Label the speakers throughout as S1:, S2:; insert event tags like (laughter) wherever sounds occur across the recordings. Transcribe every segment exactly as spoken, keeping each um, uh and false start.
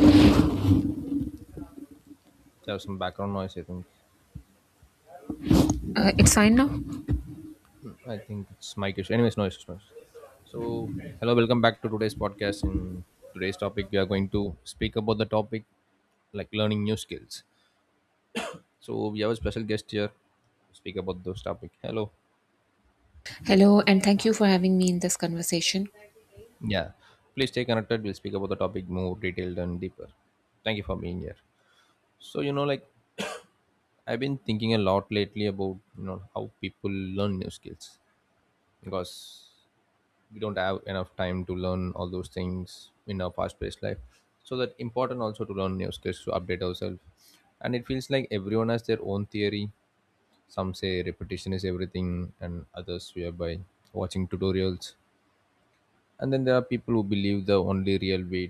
S1: There was, there was some background noise, I think.
S2: Uh, it's fine now.
S1: I think it's my issue. Anyways, noise is noise. So, hello, welcome back to today's podcast. In today's topic, we are going to speak about the topic like learning new skills. So, we have a special guest here to speak about those topic. Hello.
S2: Hello, and thank you for having me in this conversation.
S1: Yeah. Please stay connected. We'll speak about the topic more detailed and deeper. Thank you for being here. So, you know, like (coughs) I've been thinking a lot lately about, you know, how people learn new skills, because we don't have enough time to learn all those things in our fast-paced life, so that important also to learn new skills to update ourselves. And it feels like everyone has their own theory. Some say repetition is everything, and others swear by watching tutorials. And then there are people who believe the only real way,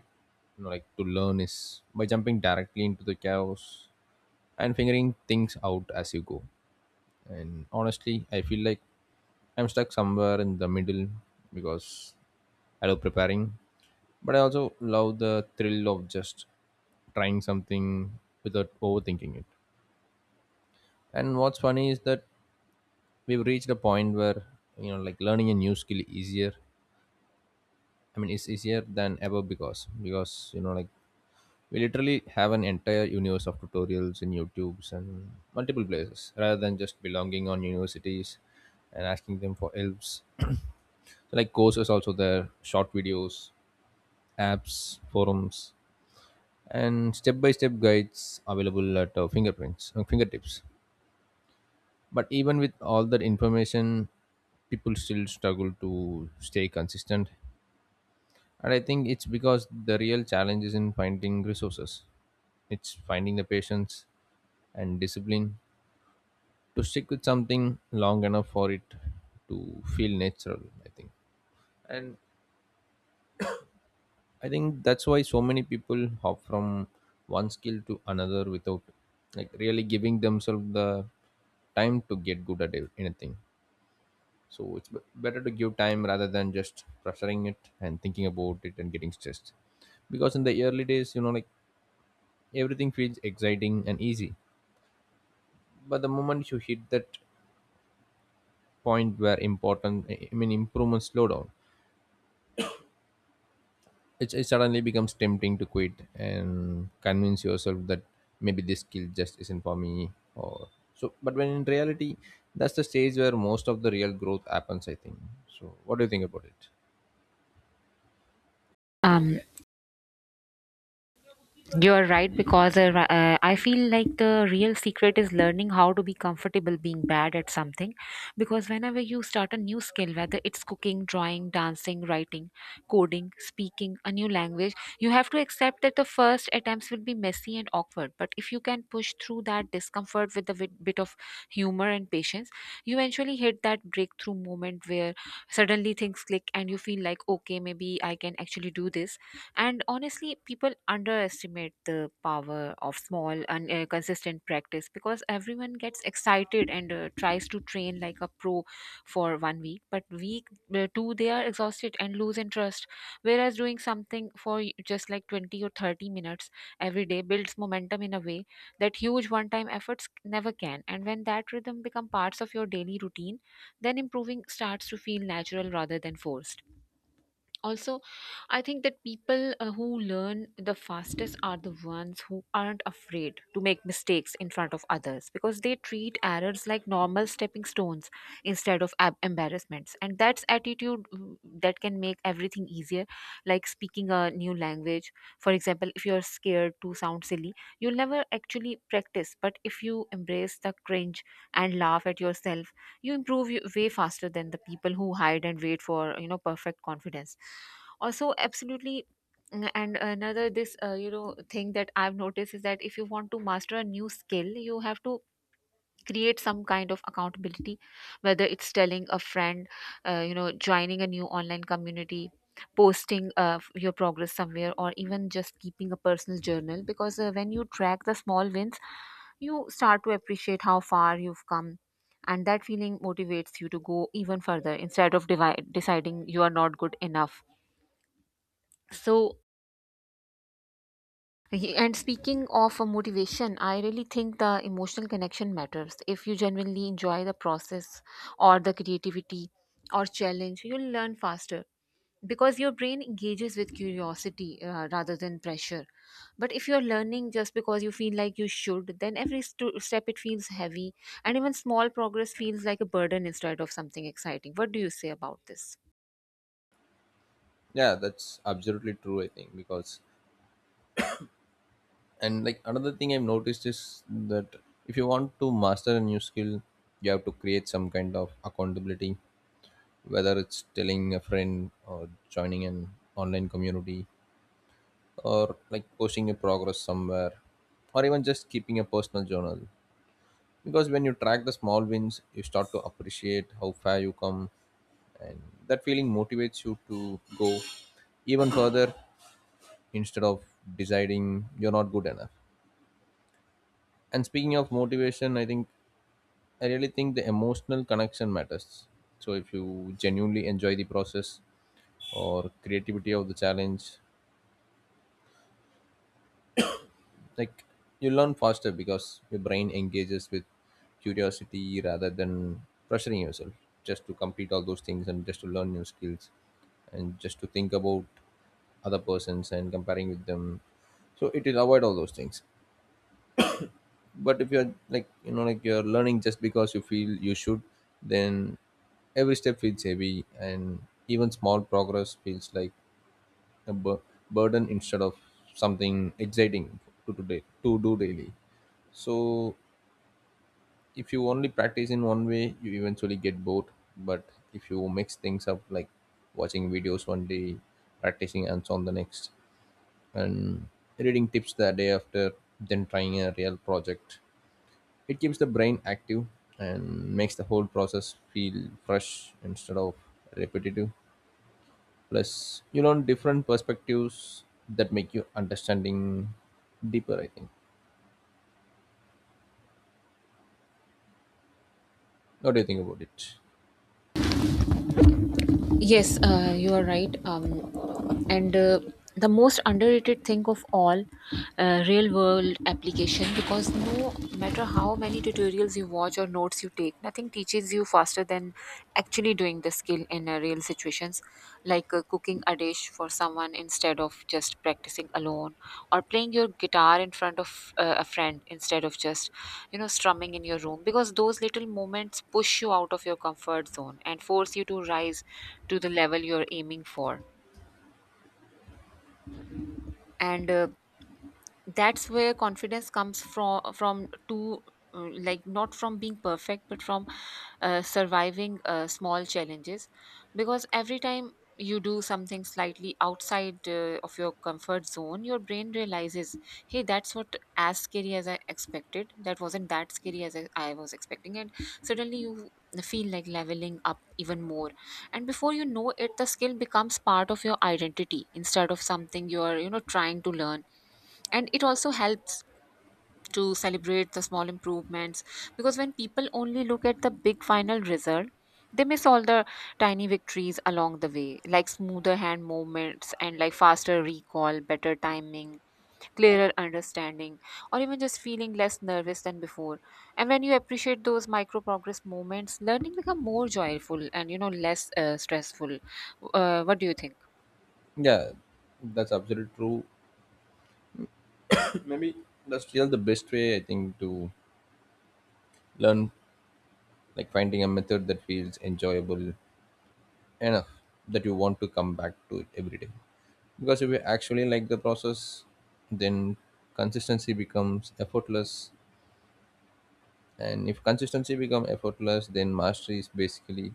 S1: you know, like to learn is by jumping directly into the chaos and figuring things out as you go. And honestly, I feel like I'm stuck somewhere in the middle, because I love preparing, but I also love the thrill of just trying something without overthinking it. And what's funny is that we've reached a point where, you know, like learning a new skill easier. I mean, it's easier than ever, because because you know, like we literally have an entire universe of tutorials in YouTube's and multiple places, rather than just belonging on universities and asking them for helps. (clears throat) So like courses also there, short videos, apps, forums, and step-by-step guides available at uh, fingerprints uh, fingertips. But even with all that information, people still struggle to stay consistent, and I think it's because the real challenge is in finding resources. It's finding the patience and discipline to stick with something long enough for it to feel natural, I think. And I think that's why so many people hop from one skill to another without like really giving themselves the time to get good at it- anything. So it's b- better to give time rather than just pressuring it and thinking about it and getting stressed. Because in the early days, you know, like everything feels exciting and easy. But the moment you hit that point where important, I I mean, improvements slow down, it, it suddenly becomes tempting to quit and convince yourself that maybe this skill just isn't for me or so. But when in reality, that's the stage where most of the real growth happens, I think. So what do you think about it?
S2: Um, You are right because uh, ri- uh, I feel like the real secret is learning how to be comfortable being bad at something. Because whenever you start a new skill, whether it's cooking, drawing, dancing, writing, coding, speaking a new language, you have to accept that the first attempts will be messy and awkward. But if you can push through that discomfort with a bit, bit of humor and patience, you eventually hit that breakthrough moment where suddenly things click and you feel like, okay, maybe I can actually do this. And honestly, people underestimate the power of small and uh, consistent practice, because everyone gets excited and uh, tries to train like a pro for one week, but week uh, two, they are exhausted and lose interest. Whereas doing something for y- just like twenty or thirty minutes every day builds momentum in a way that huge one time efforts never can. And when that rhythm become parts of your daily routine, then improving starts to feel natural rather than forced. Also, I think that people uh, who learn the fastest are the ones who aren't afraid to make mistakes in front of others, because they treat errors like normal stepping stones instead of ab- embarrassments. And that's attitude mm, that can make everything easier, like speaking a new language. For example, if you're scared to sound silly, you'll never actually practice. But if you embrace the cringe and laugh at yourself, you improve y- way faster than the people who hide and wait for you know perfect confidence. Also absolutely. mm, and another this uh, you know thing that I've noticed is that if you want to master a new skill, you have to create some kind of accountability, whether it's telling a friend, uh, you know joining a new online community, posting uh, your progress somewhere, or even just keeping a personal journal, because uh, when you track the small wins, you start to appreciate how far you've come, and that feeling motivates you to go even further instead of divi- deciding you are not good enough. So y- and speaking of uh, motivation, I really think the emotional connection matters. If you genuinely enjoy the process, or the creativity, or challenge, you'll learn faster, because your brain engages with curiosity uh, rather than pressure. But if you're learning just because you feel like you should, then every stu- step it feels heavy, and even small progress feels like a burden instead of something exciting. What do you say about this?
S1: Yeah, that's absolutely true, I think. Because and like another thing I've noticed is that if you want to master a new skill, you have to create some kind of accountability, whether it's telling a friend or joining an online community, or like posting your progress somewhere, or even just keeping a personal journal. Because when you track the small wins, you start to appreciate how far you come, and that feeling motivates you to go even further instead of deciding you're not good enough. And speaking of motivation, I think, I really think the emotional connection matters. So if you genuinely enjoy the process or creativity of the challenge, like you learn faster because your brain engages with curiosity rather than pressuring yourself just to complete all those things and just to learn new skills and just to think about other persons and comparing with them. So it will avoid all those things. But if you're like, you know, like you're learning just because you feel you should, then every step feels heavy, and even small progress feels like a bur- burden instead of something exciting to today to do daily. So if you only practice in one way, you eventually get bored. But if you mix things up, like watching videos one day, practicing and on the next, and reading tips the day after, then trying a real project, it keeps the brain active and makes the whole process feel fresh instead of repetitive. Plus, you learn different perspectives that make you understanding deeper, I think. What do you think about it?
S2: Yes, uh, you are right. um, and uh, The most underrated thing of all, uh, real world application, because no matter how many tutorials you watch or notes you take, nothing teaches you faster than actually doing the skill in uh, real situations, like uh, cooking a dish for someone instead of just practicing alone, or playing your guitar in front of uh, a friend instead of just you know strumming in your room, because those little moments push you out of your comfort zone and force you to rise to the level you're aiming for. And uh, that's where confidence comes from from to, uh, like not from being perfect but from uh, surviving uh, small challenges. Because every time you do something slightly outside uh, of your comfort zone, your brain realizes, hey, that's what as scary as I expected, that wasn't that scary as i, I was expecting. And suddenly you feel like leveling up even more, and before you know it, the skill becomes part of your identity instead of something you're you know trying to learn. And it also helps to celebrate the small improvements, because when people only look at the big final result, they miss all the tiny victories along the way, like smoother hand movements, and like faster recall, better timing, clearer understanding, or even just feeling less nervous than before. And when you appreciate those micro progress moments, learning become more joyful and you know less uh, stressful. uh, what do you think?
S1: Yeah, that's absolutely true. (coughs) Maybe that's still the best way, I think, to learn, like finding a method that feels enjoyable enough that you want to come back to it every day. Because if you actually like the process, then consistency becomes effortless. And if consistency becomes effortless, then mastery is basically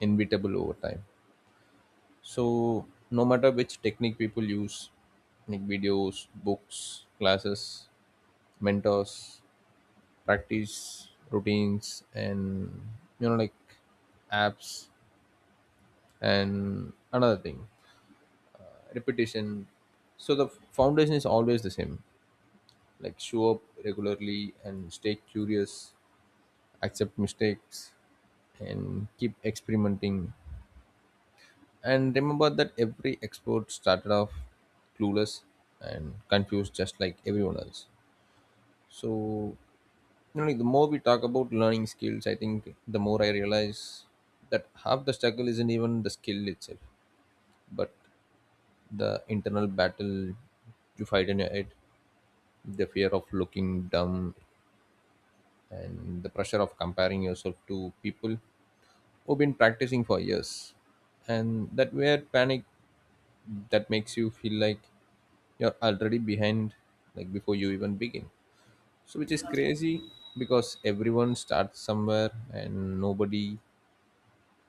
S1: inevitable over time. So no matter which technique people use, like videos, books, classes, mentors, practice, routines, and you know like apps and another thing, repetition. So the foundation is always the same. Like show up regularly and stay curious, accept mistakes, and keep experimenting. And remember that every export started off clueless and confused, just like everyone else. So, you know, like, the more we talk about learning skills, I think the more I realize that half the struggle isn't even the skill itself, but the internal battle you fight in your head, the fear of looking dumb, and the pressure of comparing yourself to people who've been practicing for years. And that weird panic that makes you feel like you're already behind, like before you even begin. So which is crazy, because everyone starts somewhere and nobody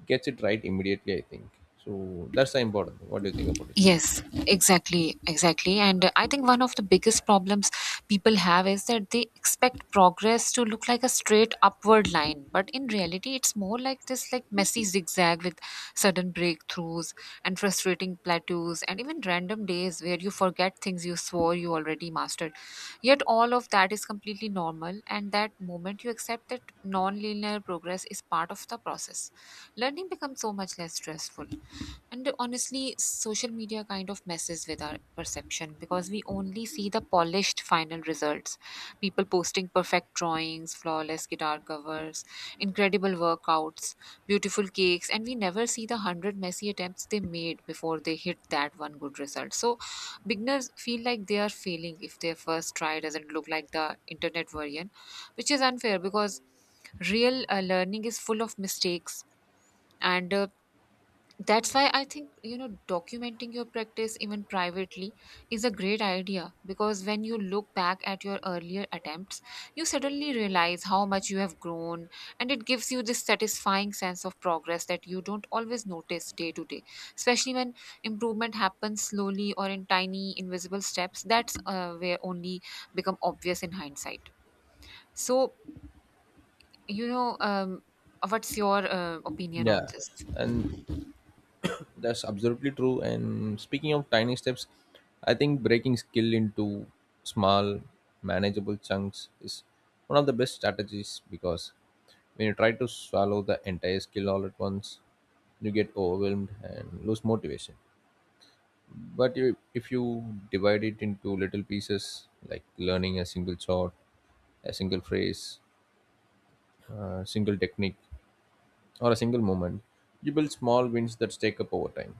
S1: gets it right immediately, I think. So that's the important thing. What do you think about it?
S2: Yes, exactly, exactly. And uh, I think one of the biggest problems people have is that they expect progress to look like a straight upward line, but in reality, it's more like this like messy zigzag with sudden breakthroughs and frustrating plateaus, and even random days where you forget things you swore you already mastered. Yet all of that is completely normal, and that moment you accept that non-linear progress is part of the process, learning becomes so much less stressful. And honestly, social media kind of messes with our perception, because we only see the polished final results. People posting perfect drawings, flawless guitar covers, incredible workouts, beautiful cakes, and we never see the one hundred messy attempts they made before they hit that one good result. So beginners feel like they are failing if their first try doesn't look like the internet version, which is unfair, because real uh, learning is full of mistakes. And uh, That's why I think, you know documenting your practice even privately is a great idea, because when you look back at your earlier attempts, you suddenly realize how much you have grown, and it gives you this satisfying sense of progress that you don't always notice day to day, especially when improvement happens slowly or in tiny invisible steps, that's uh, where only become obvious in hindsight. So you know um, what's your uh, opinion on
S1: Yeah,
S2: this?
S1: and that's absolutely true. And speaking of tiny steps, I think breaking skill into small manageable chunks is one of the best strategies. Because when you try to swallow the entire skill all at once, you get overwhelmed and lose motivation. But you, if you divide it into little pieces, like learning a single shot, a single phrase, a single technique, or a single moment, you build small wins that stack up over time,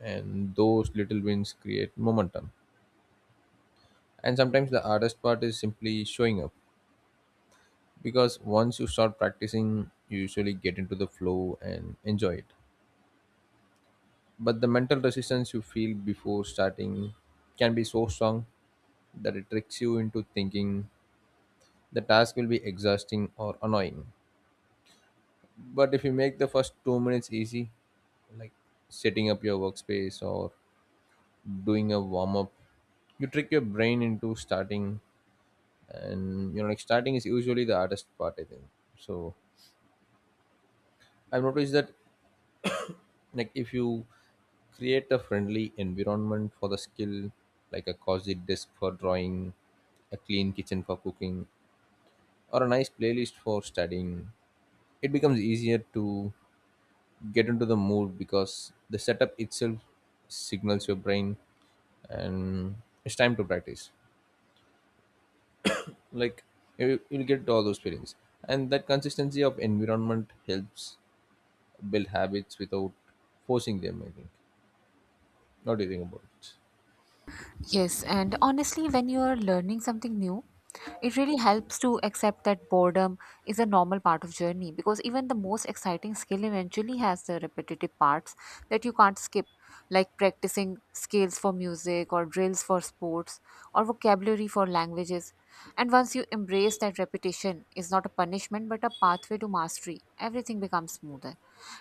S1: and those little wins create momentum. And sometimes the hardest part is simply showing up, because once you start practicing you usually get into the flow and enjoy it. But the mental resistance you feel before starting can be so strong that it tricks you into thinking the task will be exhausting or annoying. But if you make the first two minutes easy, like setting up your workspace or doing a warm up, you trick your brain into starting. And you know, like starting is usually the hardest part, I think. So I've noticed that, like, if you create a friendly environment for the skill, like a cozy desk for drawing, a clean kitchen for cooking, or a nice playlist for studying, it becomes easier to get into the mood because the setup itself signals your brain and it's time to practice. Like you, you'll get all those feelings, and that consistency of environment helps build habits without forcing them, I think. What do you think about it?
S2: Yes, and honestly, when you're learning something new, it really helps to accept that boredom is a normal part of journey, because even the most exciting skill eventually has the repetitive parts that you can't skip, like practicing scales for music, or drills for sports, or vocabulary for languages. And once you embrace that repetition is not a punishment but a pathway to mastery, everything becomes smoother,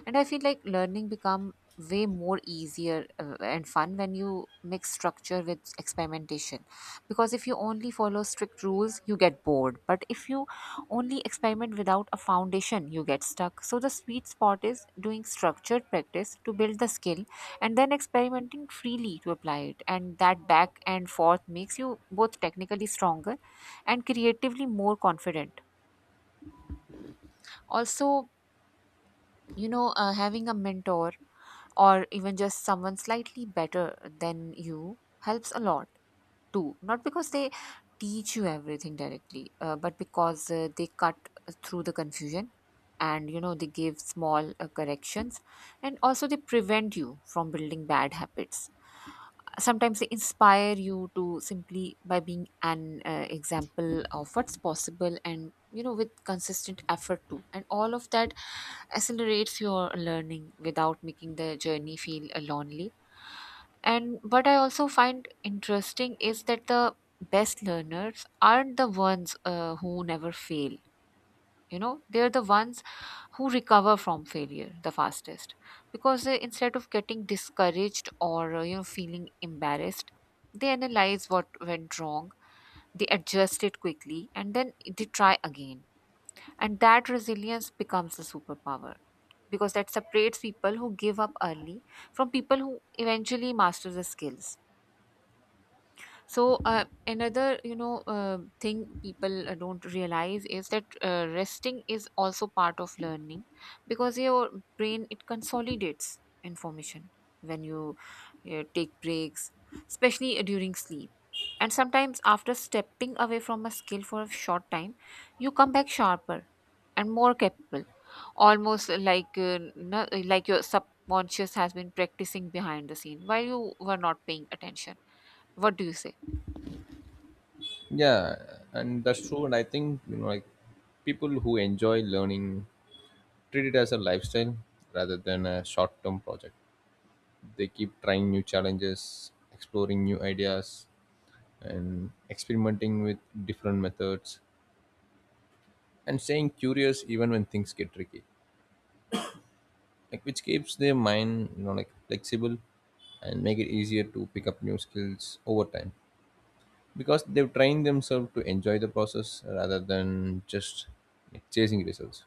S2: and I feel like learning become way more easier uh, and fun when you mix structure with experimentation, because if you only follow strict rules you get bored, but if you only experiment without a foundation you get stuck. So the sweet spot is doing structured practice to build the skill, and then experimenting freely to apply it, and that back and forth makes you both technically stronger and creatively more confident. Also, you know uh, having a mentor, or even just someone slightly better than you, helps a lot too, not because they teach you everything directly, uh, but because uh, they cut through the confusion, and you know they give small uh, corrections, and also they prevent you from building bad habits. Sometimes they inspire you to simply by being an uh, example of what's possible, and you know with consistent effort too, and all of that accelerates your learning without making the journey feel uh, lonely. And what I also find interesting is that the best learners aren't the ones uh, who never fail. You know, they're the ones who recover from failure the fastest, because they, instead of getting discouraged or uh, you know feeling embarrassed, they analyze what went wrong, they adjust it quickly, and then they try again. And that resilience becomes a superpower, because that separates people who give up early from people who eventually master the skills. So uh, another, you know, uh, thing people uh, don't realize is that uh, resting is also part of learning, because your brain it consolidates information when you uh, take breaks, especially uh, during sleep. And sometimes after stepping away from a skill for a short time, you come back sharper and more capable, almost like uh, no, like your subconscious has been practicing behind the scene while you were not paying attention. What do you say?
S1: Yeah, and that's true. And I think, you know, like people who enjoy learning treat it as a lifestyle rather than a short-term project. They keep trying new challenges, exploring new ideas, and experimenting with different methods, and staying curious even when things get tricky, like which keeps their mind, you know, like flexible, and make it easier to pick up new skills over time, because they've trained themselves to enjoy the process rather than just like chasing results.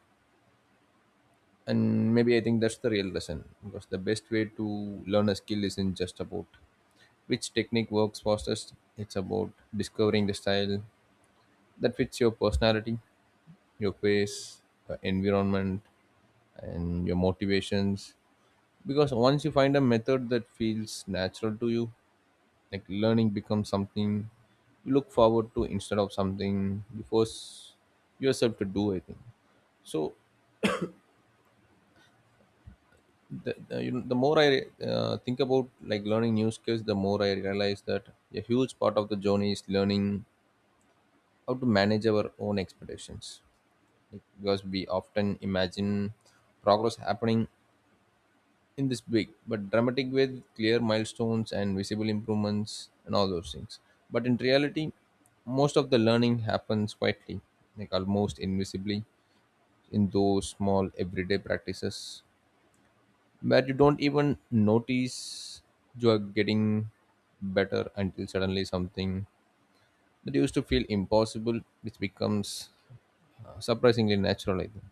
S1: And maybe I think that's the real lesson, because the best way to learn a skill isn't just about which technique works fastest. It's about discovering the style that fits your personality, your pace, your environment, and your motivations. Because once you find a method that feels natural to you, like learning becomes something you look forward to instead of something you force yourself to do, I think. So, the, the, you know, the more I uh, think about like learning new skills, the more I realize that a huge part of the journey is learning how to manage our own expectations. Like, because we often imagine progress happening in this big but dramatic way with clear milestones and visible improvements and all those things. But in reality, most of the learning happens quietly, like almost invisibly, in those small everyday practices where you don't even notice you are getting better until suddenly something that used to feel impossible which becomes uh, surprisingly natural, I think.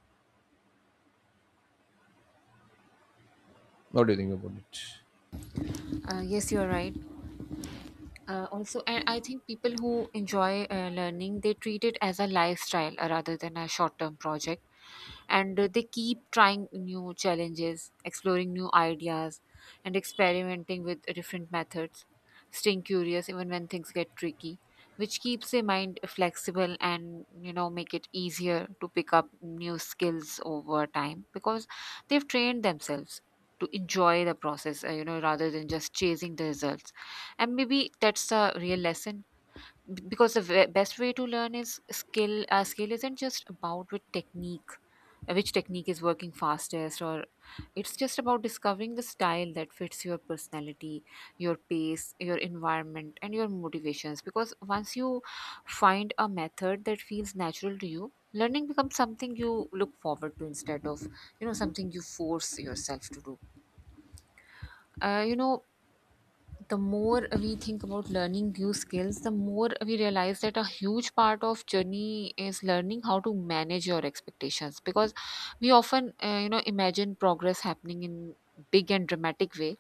S1: What do you think about it?
S2: Uh, yes, you're right. Uh, also, and I think people who enjoy uh, learning, they treat it as a lifestyle uh, rather than a short-term project, and uh, they keep trying new challenges, exploring new ideas, and experimenting with different methods, staying curious even when things get tricky, which keeps their mind flexible and you know make it easier to pick up new skills over time because they've trained themselves to enjoy the process, uh, you know, rather than just chasing the results. And maybe that's the real lesson, b- because the ve- best way to learn is skill. Uh, skill isn't just about with technique, uh, which technique is working fastest, or it's just about discovering the style that fits your personality, your pace, your environment, and your motivations. Because once you find a method that feels natural to you, learning becomes something you look forward to instead of, you know, something you force yourself to do. Uh, you know the more we think about learning new skills, the more we realize that a huge part of journey is learning how to manage your expectations, because we often, uh, you know, imagine progress happening in big and dramatic way,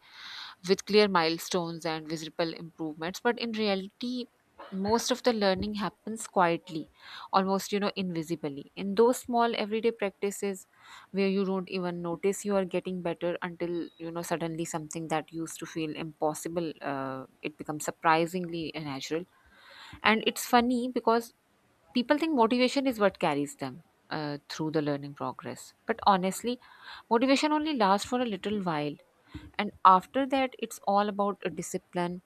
S2: with clear milestones and visible improvements, but in reality most of the learning happens quietly, almost, you know, invisibly, in those small everyday practices, where you don't even notice you are getting better until, you know, suddenly something that used to feel impossible, uh, it becomes surprisingly natural. And it's funny because people think motivation is what carries them uh, through the learning progress, but honestly motivation only lasts for a little while, and after that it's all about a discipline,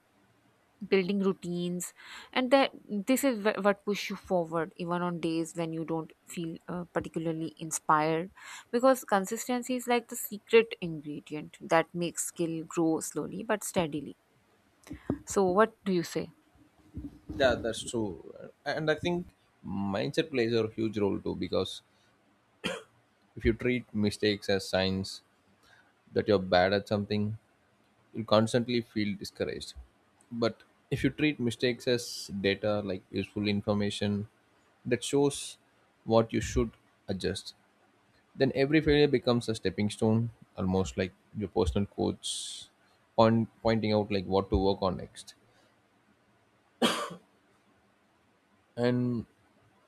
S2: building routines. And that this is wh- what push you forward even on days when you don't feel uh, particularly inspired, because consistency is like the secret ingredient that makes skill grow slowly but steadily. So what do you say?
S1: Yeah, that's true. And I think mindset plays a huge role too, because if you treat mistakes as signs that you're bad at something, you'll constantly feel discouraged. But if you treat mistakes as data, like useful information that shows what you should adjust, then every failure becomes a stepping stone, almost like your personal coach point, pointing out like what to work on next. And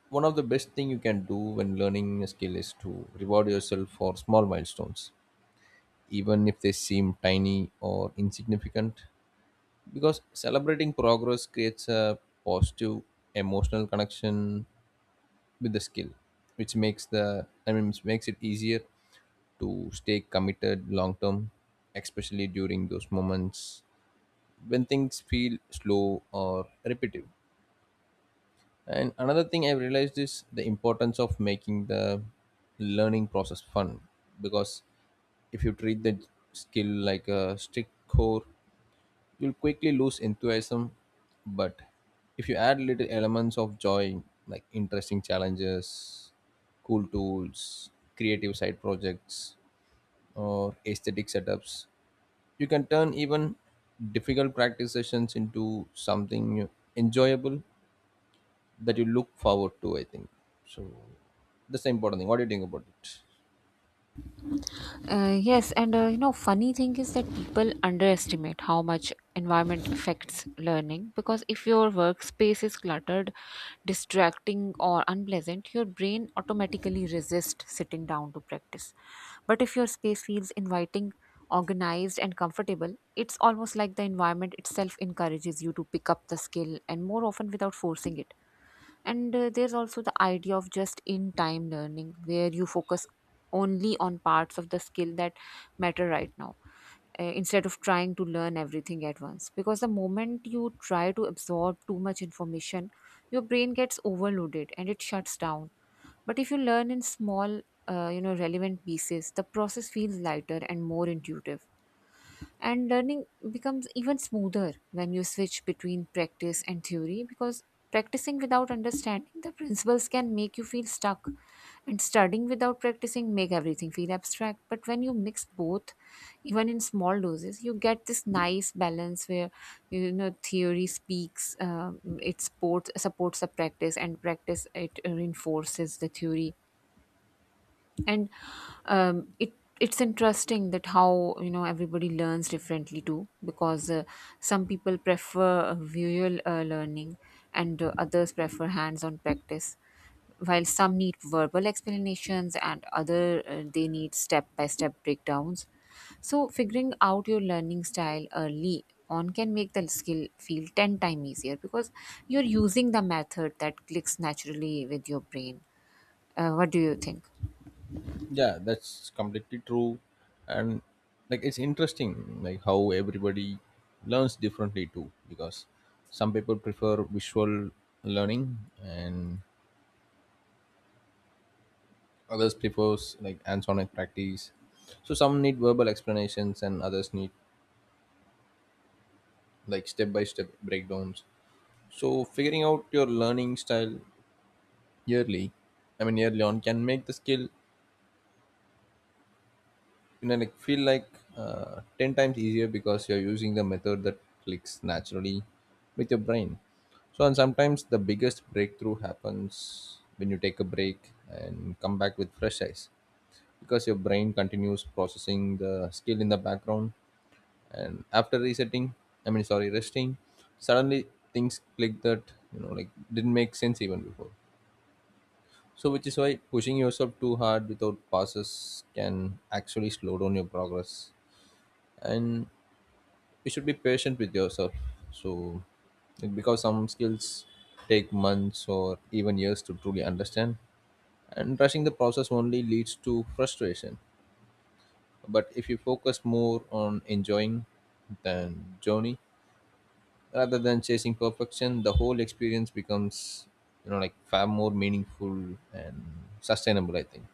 S1: one of the best thing you can do when learning a skill is to reward yourself for small milestones, even if they seem tiny or insignificant, because celebrating progress creates a positive emotional connection with the skill, which makes the i mean which makes it easier to stay committed long term, especially during those moments when things feel slow or repetitive. And another thing I've realized is the importance of making the learning process fun, because if you treat the skill like a strict core, you'll quickly lose enthusiasm. But if you add little elements of joy, like interesting challenges, cool tools, creative side projects, or aesthetic setups, you can turn even difficult practice sessions into something enjoyable that you look forward to, I think. So that's the important thing. What do you think about it?
S2: Uh, yes, and uh, you know, funny thing is that people underestimate how much environment affects learning, because if your workspace is cluttered, distracting, or unpleasant, your brain automatically resists sitting down to practice. But if your space feels inviting, organized, and comfortable, it's almost like the environment itself encourages you to pick up the skill and more often without forcing it. And uh, there's also the idea of just in time learning, where you focus only on parts of the skill that matter right now, uh, instead of trying to learn everything at once. Because the moment you try to absorb too much information, your brain gets overloaded and it shuts down. But if you learn in small, uh, you know, relevant pieces, the process feels lighter and more intuitive. And learning becomes even smoother when you switch between practice and theory, because practicing without understanding the principles can make you feel stuck, and studying without practicing make everything feel abstract, but when you mix both, even in small doses, you get this nice balance where, you know, theory speaks, um, it supports supports the practice, and practice it reinforces the theory. And um, it it's interesting that how, you know, everybody learns differently too, because uh, some people prefer uh, visual uh, learning, and uh, others prefer hands-on practice, while some need verbal explanations and other, uh, they need step-by-step breakdowns. So figuring out your learning style early on can make the skill feel ten times easier, because you're using the method that clicks naturally with your brain. Uh, what do you think?
S1: Yeah, that's completely true. And like, it's interesting like how everybody learns differently too, because some people prefer visual learning and others prefers like hands-on practice, so some need verbal explanations and others need like step-by-step breakdowns. So figuring out your learning style yearly I mean yearly, on can make the skill, you know, like feel like uh, ten times easier, because you're using the method that clicks naturally with your brain. So and sometimes the biggest breakthrough happens when you take a break and come back with fresh eyes, because your brain continues processing the skill in the background, and after resetting I mean sorry resting, suddenly things click that, you know, like didn't make sense even before. So which is why pushing yourself too hard without pauses can actually slow down your progress, and you should be patient with yourself. So like, because some skills take months or even years to truly understand, and rushing the process only leads to frustration. But if you focus more on enjoying the journey rather than chasing perfection, the whole experience becomes, you know, like far more meaningful and sustainable, I think.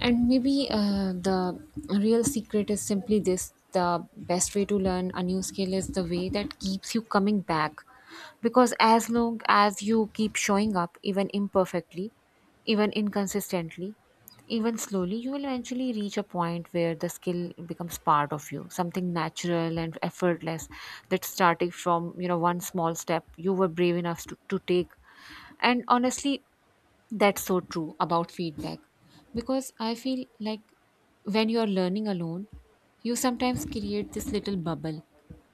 S2: And maybe uh, the real secret is simply this: the best way to learn a new skill is the way that keeps you coming back. Because as long as you keep showing up, even imperfectly, even inconsistently, even slowly, you will eventually reach a point where the skill becomes part of you, something natural and effortless, that started from, you know, one small step you were brave enough to, to take. And honestly, that's so true about feedback, because I feel like when you're learning alone, you sometimes create this little bubble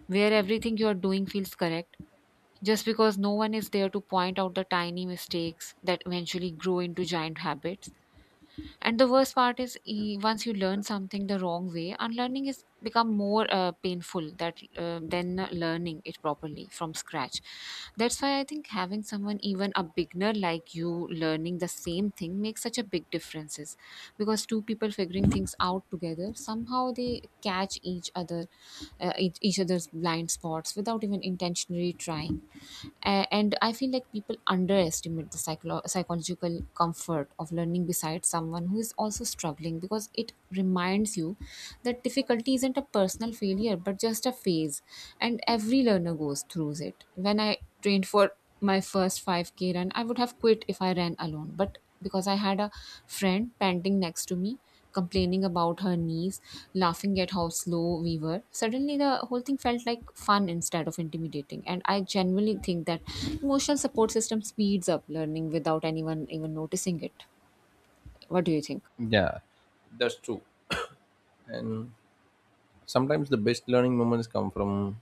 S2: where everything you're doing feels correct just because no one is there to point out the tiny mistakes that eventually grow into giant habits. And the worst part is, e- once you learn something the wrong way, unlearning is become more uh, painful that uh, than learning it properly from scratch. That's why I think having someone, even a beginner like you, learning the same thing makes such a big differences. Because two people figuring things out together, somehow they catch each other, uh, each each other's blind spots without even intentionally trying. A- and I feel like people underestimate the psycholo- psychological comfort of learning beside someone who is also struggling, because it reminds you that difficulty isn't a personal failure but just a phase, and every learner goes through it. When I trained for my first five k run, I would have quit if I ran alone, but because I had a friend panting next to me, complaining about her knees, laughing at how slow we were, suddenly the whole thing felt like fun instead of intimidating. And I genuinely think that emotional support system speeds up learning without anyone even noticing it. What do you think?
S1: Yeah, that's true. And sometimes the best learning moments come from,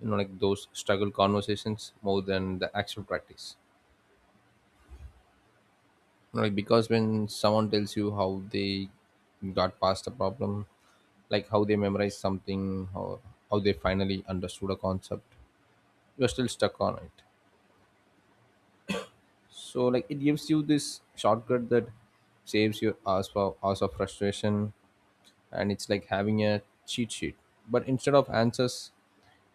S1: you know, like those struggle conversations more than the actual practice. You know, like because when someone tells you how they got past a problem, like how they memorized something or how they finally understood a concept you're still stuck on, it, so like, it gives you this shortcut that saves your ass for hours of frustration. And it's like having a cheat sheet, but instead of answers,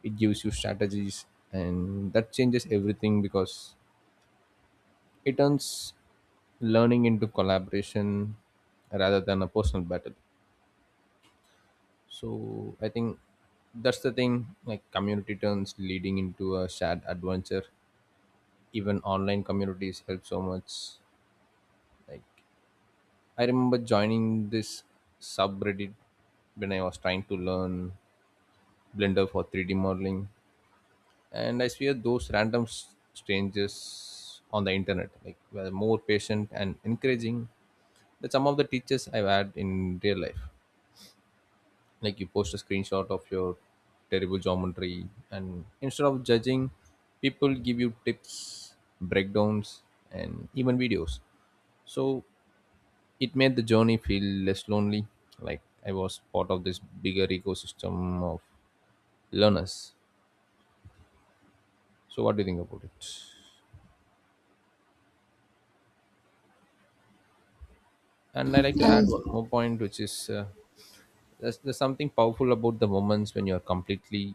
S1: it gives you strategies. And that changes everything, because it turns learning into collaboration rather than a personal battle. So I think that's the thing, like community turns leading into a shared adventure. Even online communities help so much. Like, I remember joining this subreddit when I was trying to learn blender for three D modeling, and I swear those random s- strangers on the internet like were more patient and encouraging than some of the teachers I've had in real life. Like you post a screenshot of your terrible geometry, and instead of judging, people give you tips, breakdowns, and even videos. So it made the journey feel less lonely, like I was part of this bigger ecosystem of learners. So what do you think about it? And I like to add
S2: Uh,
S1: one more point, which is uh, there's, there's something powerful about the moments when you're completely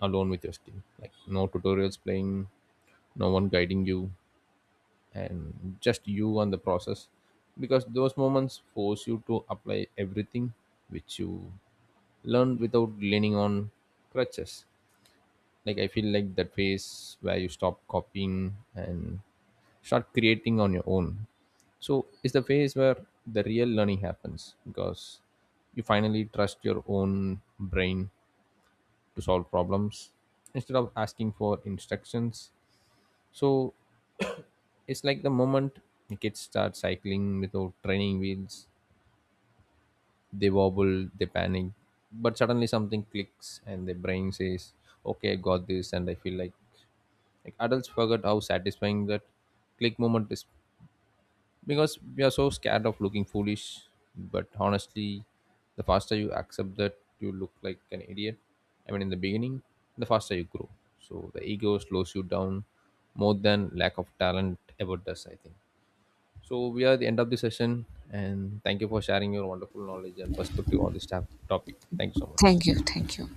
S1: alone with your skill, like no tutorials playing, no one guiding you, and just you and the process, because those moments force you to apply everything which you learned without leaning on crutches. Like I feel like that phase where you stop copying and start creating on your own, so it's the phase where the real learning happens, because you finally trust your own brain to solve problems instead of asking for instructions. So it's like the moment kids start cycling without training wheels, they wobble, they panic, but suddenly something clicks and their brain says, "Okay, I got this." And I feel like like adults forget how satisfying that click moment is, because we are so scared of looking foolish. But honestly, the faster you accept that you look like an idiot, I mean, in the beginning, the faster you grow. So the ego slows you down more than lack of talent ever does, I think. So we are at the end of the session, and thank you for sharing your wonderful knowledge and perspective on this tap- topic. Thank you so much.
S2: Thank you, thank you.